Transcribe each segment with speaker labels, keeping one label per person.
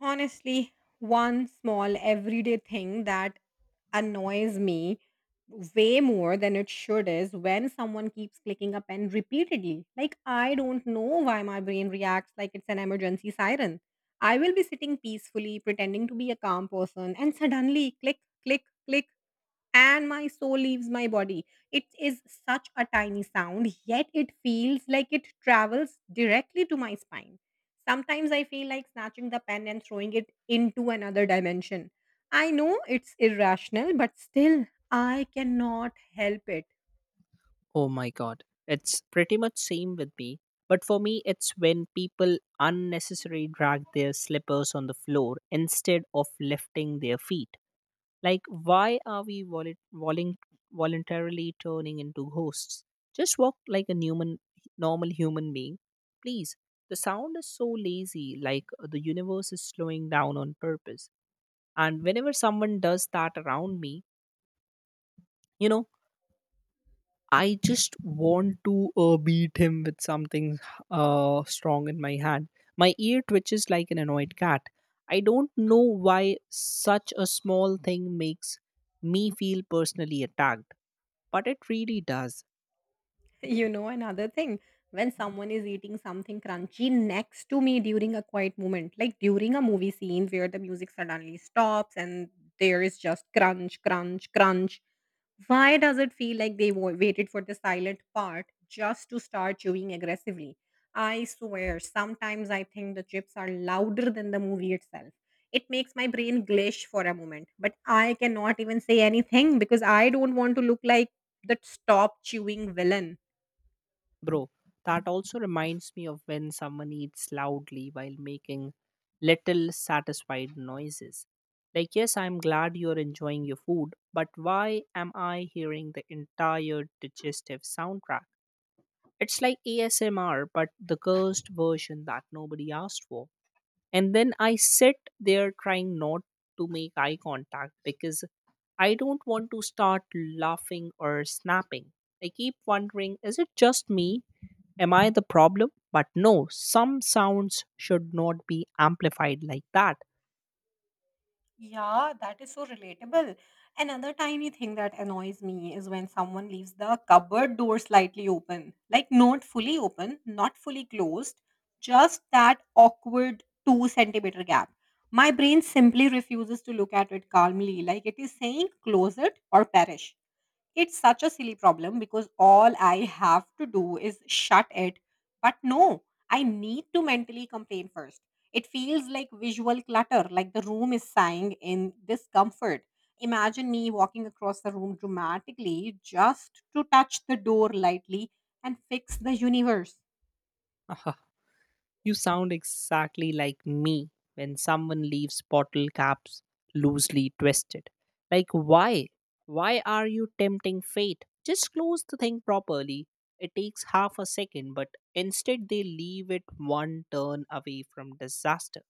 Speaker 1: Honestly, one small everyday thing that annoys me way more than it should is when someone keeps clicking a pen repeatedly. Like, I don't know why my brain reacts like it's an emergency siren. I will be sitting peacefully, pretending to be a calm person, and suddenly click, click, click, and my soul leaves my body. It is such a tiny sound, yet it feels like it travels directly to my spine. Sometimes I feel like snatching the pen and throwing it into another dimension. I know it's irrational, but still, I cannot help it.
Speaker 2: Oh my god. It's pretty much same with me. But for me it's when people unnecessarily drag their slippers on the floor instead of lifting their feet. Like why are we voluntarily turning into ghosts? Just walk like a human normal human being. Please. The sound is so lazy like the universe is slowing down on purpose. And whenever someone does that around me, you know I just want to beat him with something strong in my hand. My ear twitches like an annoyed cat. I don't know why such a small thing makes me feel personally attacked, but it really does.
Speaker 1: You know, another thing, when someone is eating something crunchy next to me during a quiet moment, like during a movie scene where the music suddenly stops and there is just crunch, crunch, crunch. Why does it feel like they waited for the silent part just to start chewing aggressively? I swear, sometimes I think the chips are louder than the movie itself. It makes my brain glitch for a moment, but I cannot even say anything because I don't want to look like the stop chewing villain.
Speaker 2: Bro, that also reminds me of when someone eats loudly while making little satisfied noises. Like, yes, I'm glad you're enjoying your food, but why am I hearing the entire digestive soundtrack? It's like ASMR, but the cursed version that nobody asked for. And then I sit there trying not to make eye contact because I don't want to start laughing or snapping. I keep wondering, is it just me? Am I the problem? But no, some sounds should not be amplified like that.
Speaker 1: Yeah, that is so relatable. Another tiny thing that annoys me is when someone leaves the cupboard door slightly open, like not fully open, not fully closed, just that awkward two centimeter gap. My brain simply refuses to look at it calmly, like it is saying, close it or perish. It's such a silly problem because all I have to do is shut it. But no, I need to mentally complain first. It feels like visual clutter, like the room is sighing in discomfort. Imagine me walking across the room dramatically just to touch the door lightly and fix the universe.
Speaker 2: You sound exactly like me when someone leaves bottle caps loosely twisted. Like, why? Why are you tempting fate? Just close the thing properly. It takes half a second, but instead they leave it one turn away from disaster.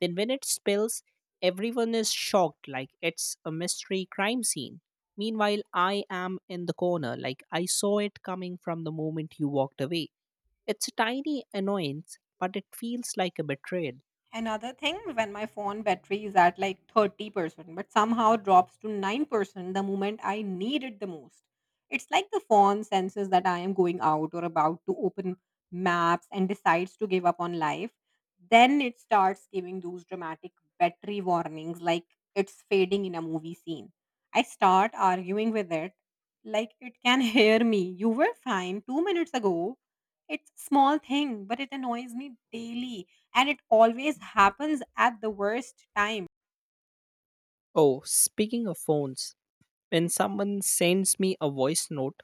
Speaker 2: Then, when it spills, everyone is shocked like it's a mystery crime scene. Meanwhile, I am in the corner, like, I saw it coming from the moment you walked away. It's a tiny annoyance, but it feels like a betrayal.
Speaker 1: Another thing, when my phone battery is at like 30%, but somehow drops to 9% the moment I need it the most. It's like the phone senses that I am going out or about to open maps and decides to give up on life. Then it starts giving those dramatic battery warnings like it's fading in a movie scene. I start arguing with it like it can hear me. You were fine 2 minutes ago. It's a small thing, but it annoys me daily and it always happens at the worst time.
Speaker 2: Oh, speaking of phones, when someone sends me a voice note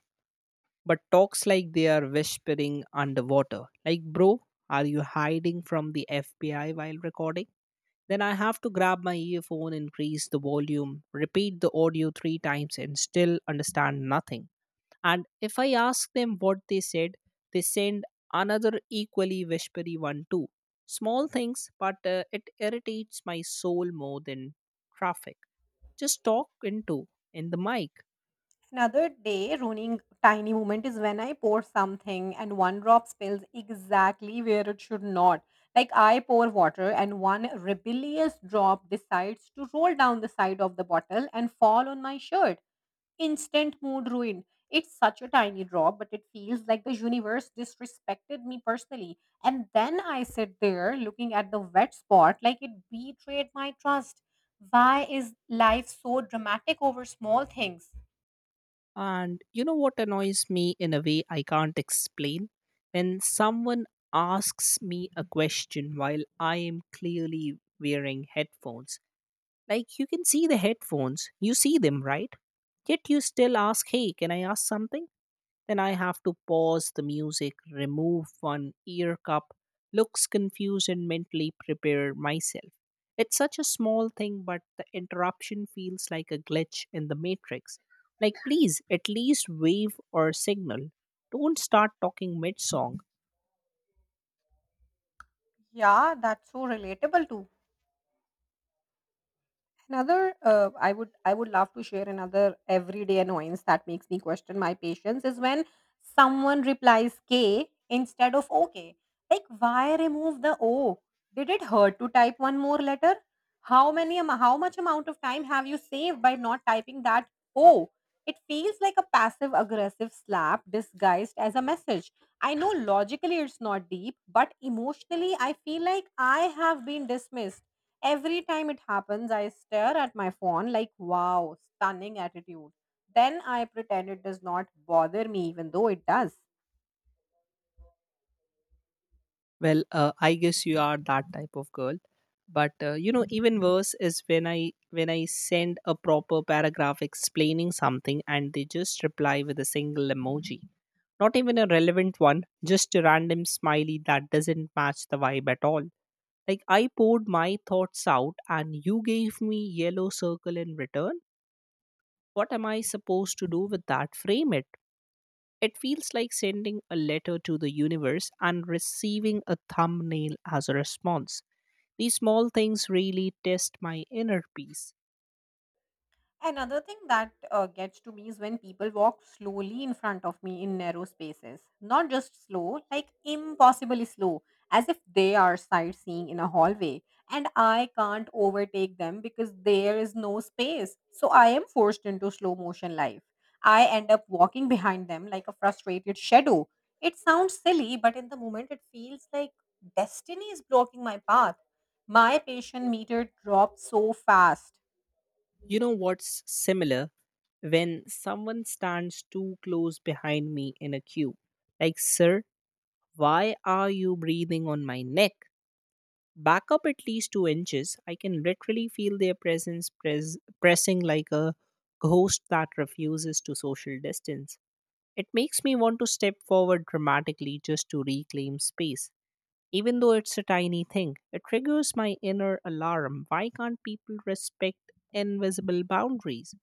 Speaker 2: but talks like they are whispering underwater, like, bro, are you hiding from the FBI while recording? Then I have to grab my earphone, increase the volume, repeat the audio three times, and still understand nothing. And if I ask them what they said, they send another equally whispery one too. Small things, but it irritates my soul more than traffic. Just talk into in the mic.
Speaker 1: Another day ruining tiny moment is when I pour something and one drop spills exactly where it should not. Like I pour water and one rebellious drop decides to roll down the side of the bottle and fall on my shirt. Instant mood ruin. It's such a tiny drop, but it feels like the universe disrespected me personally. And then I sit there looking at the wet spot like it betrayed my trust. Why is life so dramatic over small things?
Speaker 2: And you know what annoys me in a way I can't explain? When someone asks me a question while I am clearly wearing headphones. Like, you can see the headphones, you see them, right? Yet you still ask, hey, can I ask something? Then I have to pause the music, remove one ear cup, looks confused, and mentally prepare myself. It's such a small thing, but the interruption feels like a glitch in the matrix. Like, please, at least wave or signal. Don't start talking mid song.
Speaker 1: Yeah, that's so relatable too. Another, I would love to share another everyday annoyance that makes me question my patience is when someone replies K instead of OK. Like, why remove the O? Did it hurt to type one more letter? How many how much amount of time have you saved by not typing that O? It feels like a passive aggressive slap disguised as a message. I know logically it's not deep, but emotionally I feel like I have been dismissed. Every time it happens, I stare at my phone like, wow, stunning attitude. Then I pretend it does not bother me, even though it does.
Speaker 2: Well, I guess you are that type of girl. But you know, even worse is when I send a proper paragraph explaining something and they just reply with a single emoji. Not even a relevant one, just a random smiley that doesn't match the vibe at all. Like I poured my thoughts out and you gave me yellow circle in return. What am I supposed to do with that? Frame it. It feels like sending a letter to the universe and receiving a thumbnail as a response. These small things really test my inner peace.
Speaker 1: Another thing that gets to me is when people walk slowly in front of me in narrow spaces. Not just slow, like impossibly slow, as if they are sightseeing in a hallway and I can't overtake them because there is no space. So I am forced into slow motion life. I end up walking behind them like a frustrated shadow. It sounds silly, but in the moment it feels like destiny is blocking my path. My patient meter dropped so fast.
Speaker 2: You know what's similar? When someone stands too close behind me in a queue. Like, sir, why are you breathing on my neck? Back up at least 2 inches. I can literally feel their presence pressing like a ghost that refuses to social distance. It makes me want to step forward dramatically just to reclaim space. Even though it's a tiny thing, it triggers my inner alarm. Why can't people respect invisible boundaries?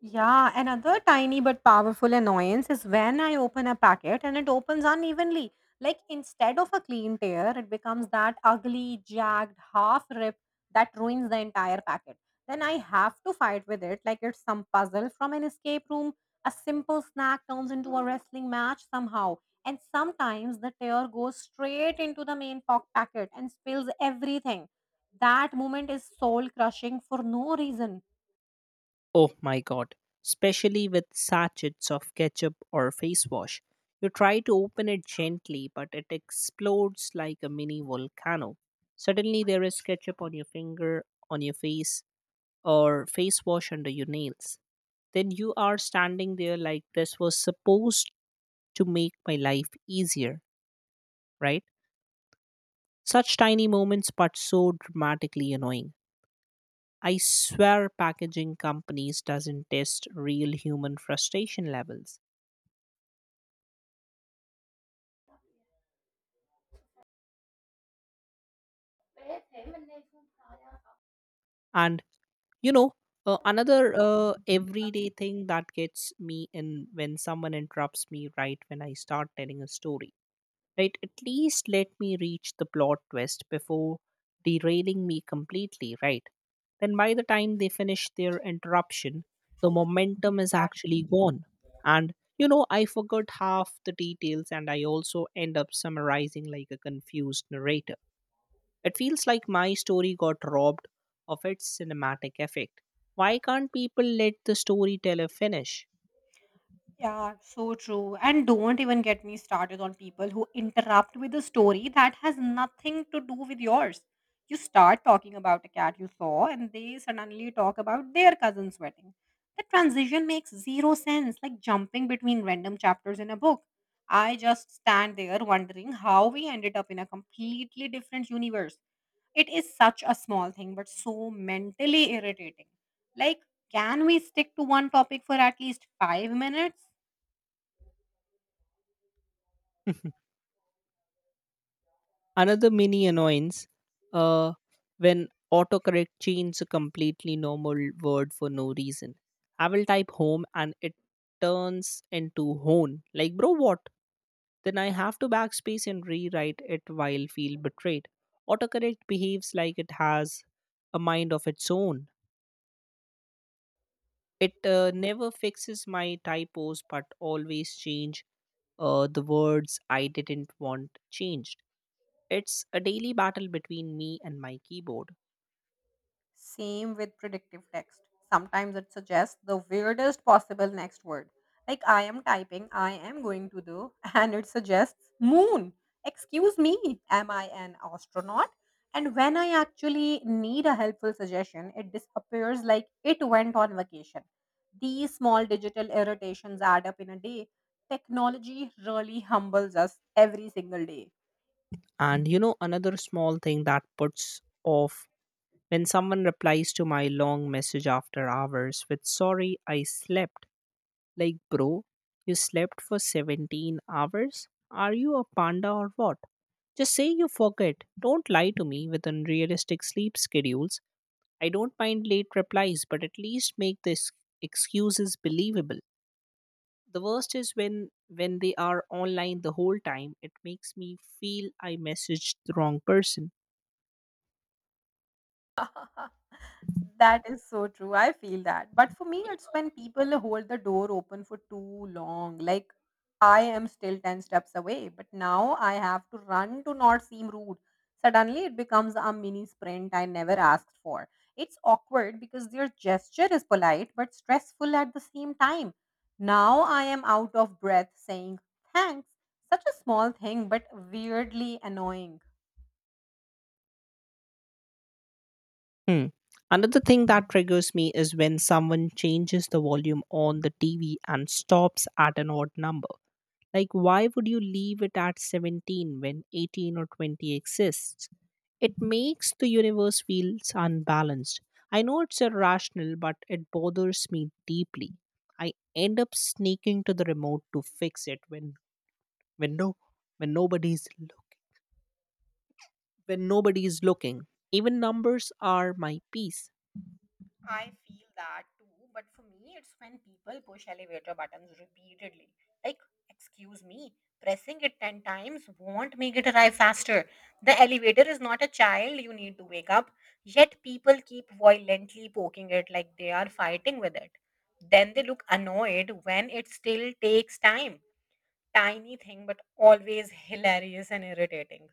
Speaker 1: Yeah, another tiny but powerful annoyance is when I open a packet and it opens unevenly. Like instead of a clean tear, it becomes that ugly, jagged, half rip that ruins the entire packet. Then I have to fight with it like it's some puzzle from an escape room. A simple snack turns into a wrestling match somehow. And sometimes the tear goes straight into the main pock packet and spills everything. That moment is soul crushing for no reason.
Speaker 2: Oh my god, especially with sachets of ketchup or face wash. You try to open it gently, but it explodes like a mini volcano. Suddenly, there is ketchup on your finger, on your face, or face wash under your nails. Then you are standing there like, this was supposed to make my life easier, right? Such tiny moments, but so dramatically annoying. I swear packaging companies doesn't test real human frustration levels. And you know another everyday thing that gets me in when someone interrupts me right when I start telling a story. Right, at least let me reach the plot twist before derailing me completely, right? Then by the time they finish their interruption, the momentum is actually gone. And I forgot half the details and I also end up summarizing like a confused narrator. It feels like my story got robbed of its cinematic effect. Why can't people let the storyteller finish?
Speaker 1: Yeah, so true. And don't even get me started on people who interrupt with a story that has nothing to do with yours. You start talking about a cat you saw, and they suddenly talk about their cousin's wedding. The transition makes zero sense, like jumping between random chapters in a book. I just stand there wondering how we ended up in a completely different universe. It is such a small thing, but so mentally irritating. Like, can we stick to one topic for at least 5 minutes?
Speaker 2: Another mini annoyance, uh, when autocorrect changes a completely normal word for no reason. I will type home and it turns into hone. Like, bro, what? Then I have to backspace and rewrite it while feel betrayed. Autocorrect behaves like it has a mind of its own. It never fixes my typos, but always change the words I didn't want changed. It's a daily battle between me and my keyboard.
Speaker 1: Same with predictive text. Sometimes it suggests the weirdest possible next word. Like I am typing, I am going to do, and it suggests moon. Excuse me, am I an astronaut? And when I actually need a helpful suggestion, it disappears like it went on vacation. These small digital irritations add up in a day. Technology really humbles us every single day.
Speaker 2: And you know, another small thing that puts off when someone replies to my long message after hours with sorry, I slept. Like, bro, you slept for 17 hours? Are you a panda or what? Just say you forget. Don't lie to me with unrealistic sleep schedules. I don't mind late replies, but at least make the excuses believable. The worst is when they are online the whole time. It makes me feel I messaged the wrong person.
Speaker 1: That is so true. I feel that. But for me, it's when people hold the door open for too long. Like, I am still 10 steps away, but now I have to run to not seem rude. Suddenly, it becomes a mini sprint I never asked for. It's awkward because their gesture is polite but stressful at the same time. Now I am out of breath saying thanks. Such a small thing, but weirdly annoying.
Speaker 2: Hmm. Another thing that triggers me is when someone changes the volume on the TV and stops at an odd number. Like, why would you leave it at 17 when 18 or 20 exists? It makes the universe feels unbalanced. I know it's irrational, but it bothers me deeply. I end up sneaking to the remote to fix it when no when nobody's looking when nobody's looking. Even numbers are my peace.
Speaker 1: I feel that too, but for me, it's when people push elevator buttons repeatedly. Like, excuse me, pressing it 10 times won't make it arrive faster. The elevator is not a child you need to wake up, yet people keep violently poking it like they are fighting with it. Then they look annoyed when it still takes time. Tiny thing, but always hilarious and irritating.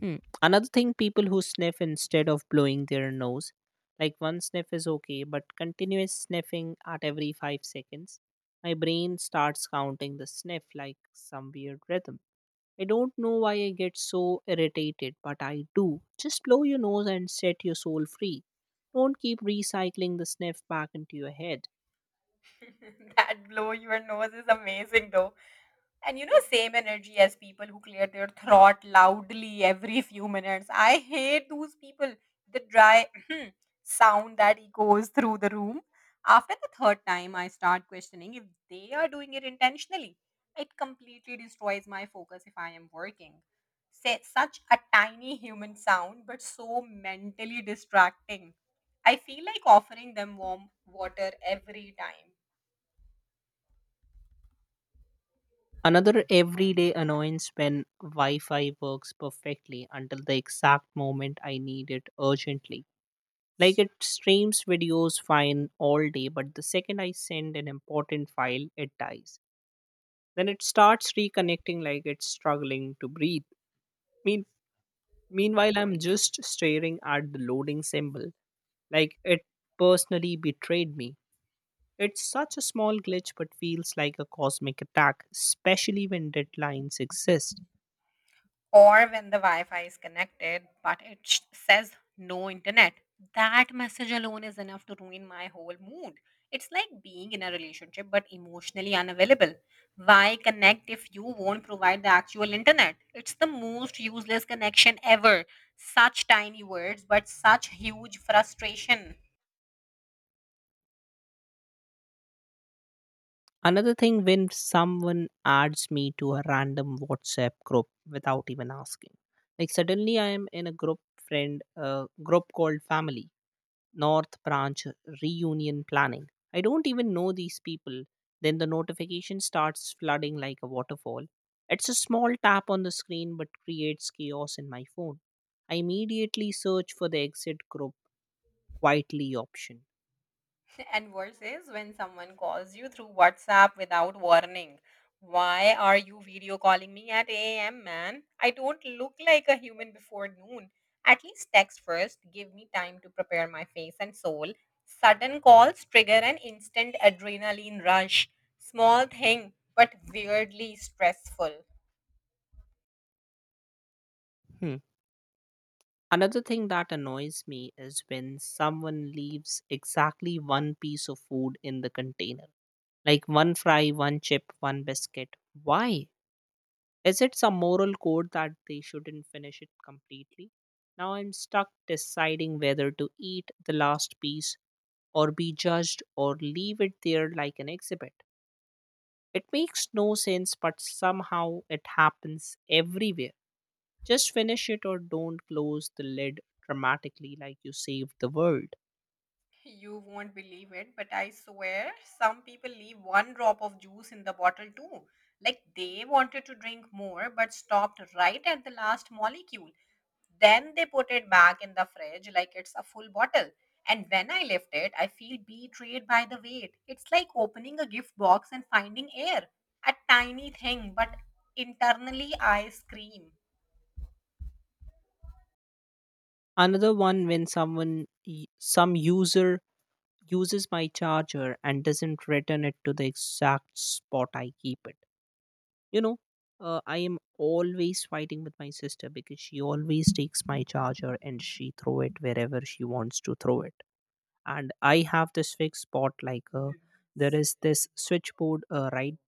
Speaker 2: Hmm. Another thing, people who sniff instead of blowing their nose, like one sniff is okay, but continuous sniffing at every 5 seconds, my brain starts counting the sniff like some weird rhythm. I don't know why I get so irritated, but I do. Just blow your nose and set your soul free. Don't keep recycling the sniff back into your head.
Speaker 1: That blow your nose is amazing, though. And you know, same energy as people who clear their throat loudly every few minutes. I hate those people. The dry sound that echoes through the room. After the third time, I start questioning if they are doing it intentionally. It completely destroys my focus if I am working. Say, such a tiny human sound, but so mentally distracting. I feel like offering them warm water every time.
Speaker 2: Another everyday annoyance when Wi Fi works perfectly until the exact moment I need it urgently. Like it streams videos fine all day, but the second I send an important file, it dies. Then it starts reconnecting like it's struggling to breathe. Mean, Meanwhile, I'm just staring at the loading symbol, like it personally betrayed me. It's such a small glitch, but feels like a cosmic attack, especially when deadlines exist.
Speaker 1: Or when the Wi-Fi is connected, but it says no internet. That message alone is enough to ruin my whole mood. It's like being in a relationship but emotionally unavailable. Why connect if you won't provide the actual internet? It's the most useless connection ever. Such tiny words, but such huge frustration.
Speaker 2: Another thing when someone adds me to a random WhatsApp group without even asking. Like suddenly I am in a group friend group called family North Branch reunion planning. I don't even know these people. Then the notification starts flooding like a waterfall. It's a small tap on the screen but creates chaos in my phone. I immediately search for the exit group quietly option.
Speaker 1: And worse is when someone calls you through WhatsApp without warning. Why are you video calling me at 8 a.m., man? I don't look like a human before noon. At least text first, give me time to prepare my face and soul. Sudden calls trigger an instant adrenaline rush. Small thing, but weirdly stressful.
Speaker 2: Hmm. Another thing that annoys me is when someone leaves exactly one piece of food in the container. Like one fry, one chip, one biscuit. Why? Is it some moral code that they shouldn't finish it completely? Now I'm stuck deciding whether to eat the last piece or be judged or leave it there like an exhibit. It makes no sense, but somehow it happens everywhere. Just finish it or don't close the lid dramatically like you saved the world.
Speaker 1: You won't believe it, but I swear some people leave one drop of juice in the bottle too. Like they wanted to drink more but stopped right at the last molecule. Then they put it back in the fridge like it's a full bottle. And when I lift it, I feel betrayed by the weight. It's like opening a gift box and finding air. A tiny thing, but internally I scream.
Speaker 2: Another one when some user uses my charger and doesn't return it to the exact spot I keep it. You know, I am always fighting with my sister because she always takes my charger and she throw it wherever she wants to throw it. And I have this fixed spot like there is this switchboard right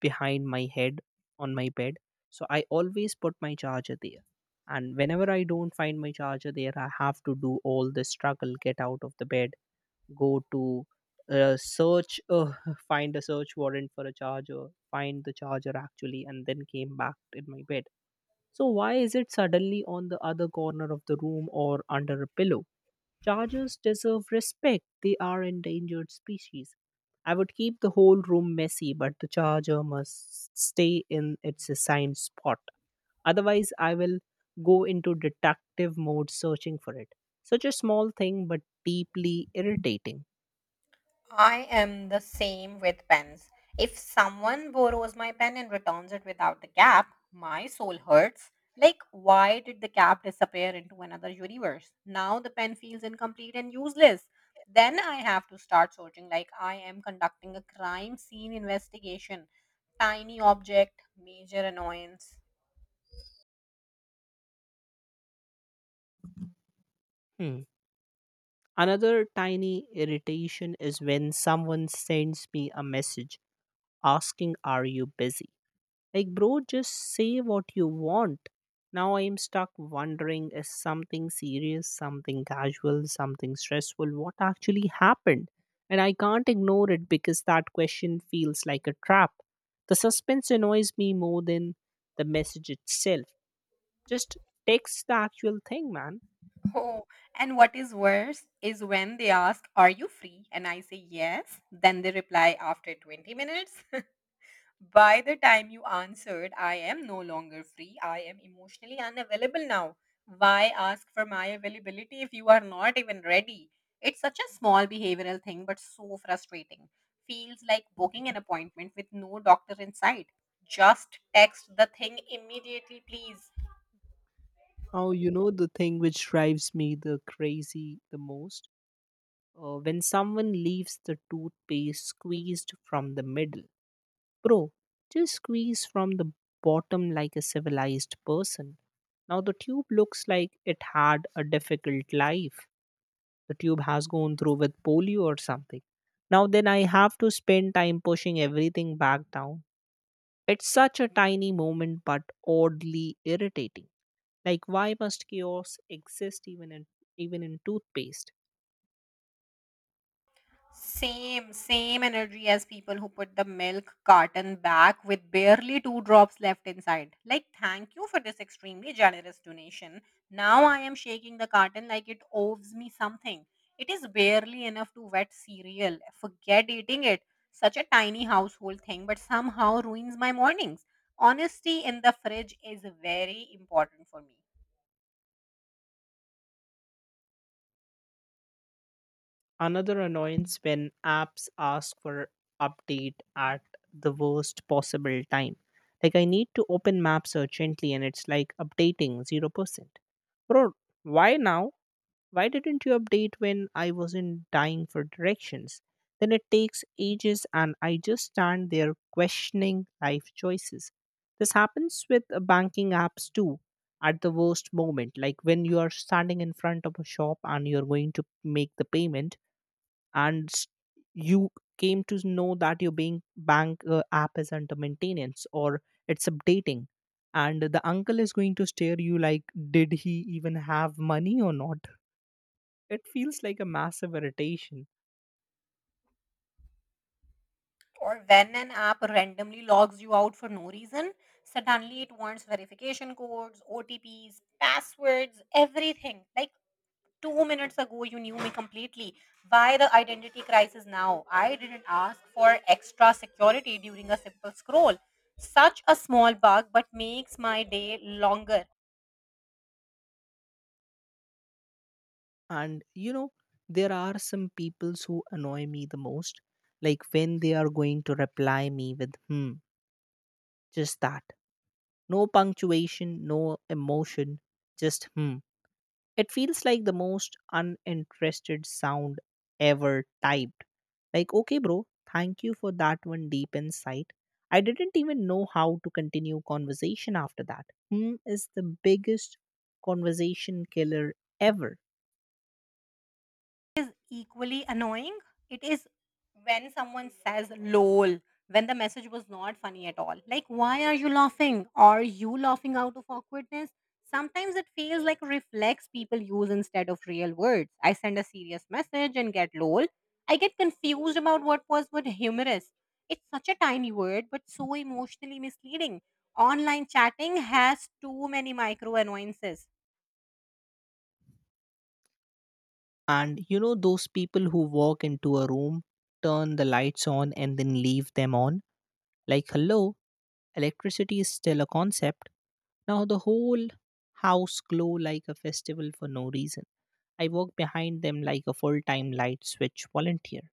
Speaker 2: behind my head on my bed. So I always put my charger there. And whenever I don't find my charger there, I have to do all the struggle, get out of the bed, go to search, find a search warrant for a charger, find the charger actually, and then came back in my bed. So why is it suddenly on the other corner of the room or under a pillow? Chargers deserve respect. They are endangered species. I would keep the whole room messy, but the charger must stay in its assigned spot. Otherwise, I will go into detective mode searching for it. Such a small thing, but deeply irritating.
Speaker 1: I am the same with pens. If someone borrows my pen and returns it without the cap, my soul hurts. Like, why did the cap disappear into another universe? Now the pen feels incomplete and useless. Then I have to start searching like I am conducting a crime scene investigation. Tiny object, major annoyance.
Speaker 2: Hmm. Another tiny irritation is when someone sends me a message asking, are you busy? Like, bro, just say what you want. Now I'm stuck wondering, is something serious, something casual, something stressful? What actually happened? And I can't ignore it because that question feels like a trap. The suspense annoys me more than the message itself. Just text the actual thing, man.
Speaker 1: Oh, and what is worse is when they ask, are you free? And I say yes. Then they reply after 20 minutes. By the time you answered, I am no longer free. I am emotionally unavailable now. Why ask for my availability if you are not even ready? It's such a small behavioral thing, but so frustrating. Feels like booking an appointment with no doctor in sight. Just text the thing immediately, please.
Speaker 2: Oh, you know the thing which drives me the crazy the most? When someone leaves the toothpaste squeezed from the middle. Bro, just squeeze from the bottom like a civilized person. Now the tube looks like it had a difficult life. The tube has gone through with polio or something. Now then I have to spend time pushing everything back down. It's such a tiny moment but oddly irritating. Like why must chaos exist even in toothpaste?
Speaker 1: Same energy as people who put the milk carton back with barely two drops left inside. Like, thank you for this extremely generous donation. Now I am shaking the carton like it owes me something. It is barely enough to wet cereal. Forget eating it. Such a tiny household thing, but somehow ruins my mornings. Honesty in the fridge is very important for me.
Speaker 2: Another annoyance when apps ask for update at the worst possible time. Like I need to open maps urgently and it's like updating 0%. Bro, why now? Why didn't you update when I wasn't dying for directions? Then it takes ages and I just stand there questioning life choices. This happens with banking apps too at the worst moment like when you are standing in front of a shop and you're going to make the payment and you came to know that your bank app is under maintenance or it's updating, and the uncle is going to stare you like did he even have money or not. It feels like a massive irritation.
Speaker 1: Or when an app randomly logs you out for no reason, suddenly it wants verification codes, OTPs, passwords, everything. Like 2 minutes ago, you knew me completely. Why the identity crisis now? I didn't ask for extra security during a simple scroll. Such a small bug, but makes my day longer.
Speaker 2: And you know there are some peoples who annoy me the most, like when they are going to reply me with hmm, just that. No punctuation, no emotion, just hmm. It feels like the most uninterested sound ever typed. Like, okay, bro, thank you for that one deep insight. I didn't even know how to continue conversation after that. Hmm is the biggest conversation killer ever.
Speaker 1: Is equally annoying. It is when someone says lol when the message was not funny at all. Like, why are you laughing? Are you laughing out of awkwardness? Sometimes it feels like reflex people use instead of real words. I send a serious message and get lol. I get confused about what was what humorous. It's such a tiny word, but so emotionally misleading. Online chatting has too many micro annoyances.
Speaker 2: And you know those people who walk into a room, turn the lights on and then leave them on? Like, hello, electricity is still a concept. Now the whole house glow like a festival for no reason. I walk behind them like a full time light switch volunteer.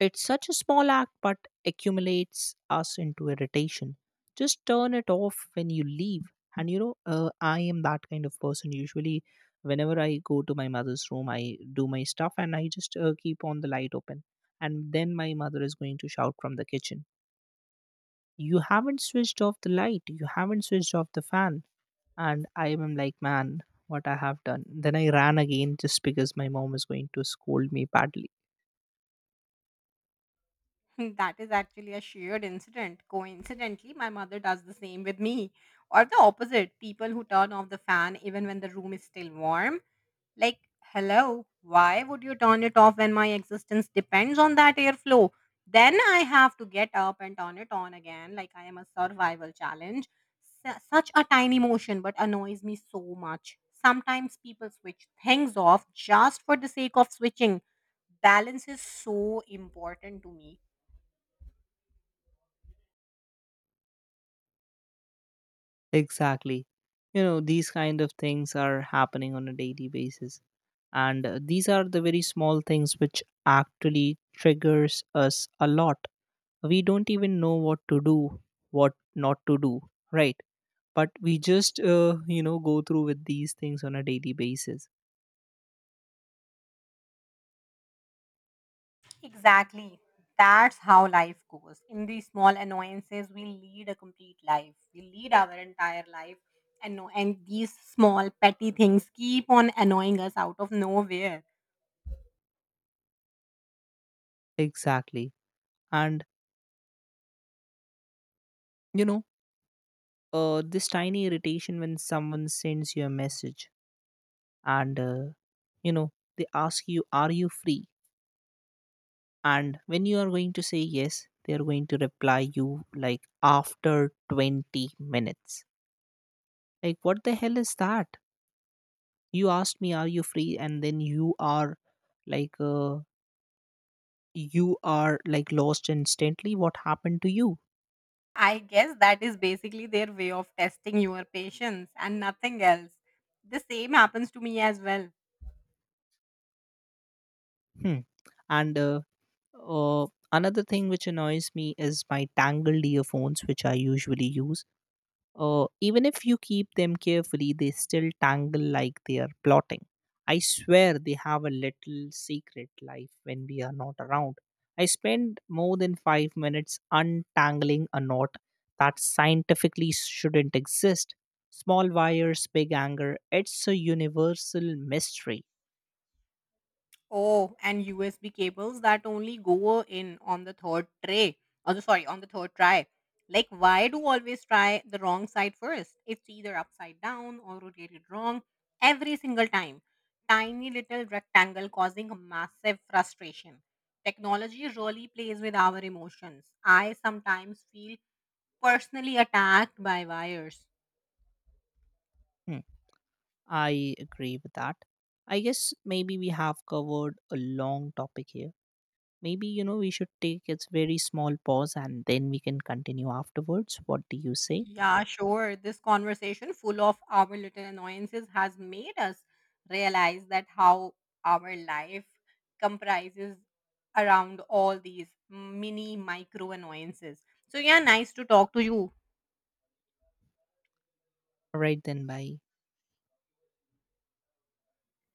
Speaker 2: It's such a small act, but accumulates us into irritation. Just turn it off when you leave. And I am that kind of person. Usually, whenever I go to my mother's room, I do my stuff and I just keep on the light open. And then my mother is going to shout from the kitchen, you haven't switched off the light, you haven't switched off the fan, and I am like, man, what I have done. Then I ran again just because my mom is going to scold me badly.
Speaker 1: That is actually a shared incident. Coincidentally, my mother does the same with me. Or the opposite people who turn off the fan even when the room is still warm. Like, hello, why would you turn it off when my existence depends on that airflow? Then I have to get up and turn it on again, like I am a survival challenge. Such a tiny motion, but annoys me so much. Sometimes people switch things off just for the sake of switching. Balance is so important to me.
Speaker 2: Exactly, you know these kind of things are happening on a daily basis, and these are the very small things which actually triggers us a lot. We don't even know what to do, what not to do, right? But we just go through with these things on a daily basis.
Speaker 1: Exactly. That's how life goes. In these small annoyances, we lead a complete life. We lead our entire life, and no, and these small petty things keep on annoying us out of nowhere.
Speaker 2: Exactly. And you know this tiny irritation when someone sends you a message, and you know they ask you, are you free? And when you are going to say yes, they are going to reply you like after 20 minutes. Like, what the hell is that? You asked me, are you free? And then you are like, you are like lost instantly. What happened to you?
Speaker 1: I guess that is basically their way of testing your patience and nothing else. The same happens to me as well.
Speaker 2: Hmm. And uh, another thing which annoys me is my tangled earphones which I usually use. Even if you keep them carefully, they still tangle like they are plotting. I swear they have a little secret life when we are not around. I spend more than 5 minutes untangling a knot that scientifically shouldn't exist. Small wires, big anger, it's a universal mystery.
Speaker 1: Oh, and USB cables that only go in on the third tray. Oh, sorry, on the third try. Like, why do always try the wrong side first? It's either upside down or rotated wrong every single time. Tiny little rectangle causing massive frustration. Technology really plays with our emotions. I sometimes feel personally attacked by wires.
Speaker 2: Hmm, I agree with that. I guess maybe we have covered a long topic here. Maybe, you know, we should take a very small pause and then we can continue afterwards. What do you say?
Speaker 1: Yeah, sure. This conversation, full of our little annoyances, has made us realize that how our life comprises around all these mini micro annoyances. So, yeah, nice to talk to you.
Speaker 2: All right, then, bye.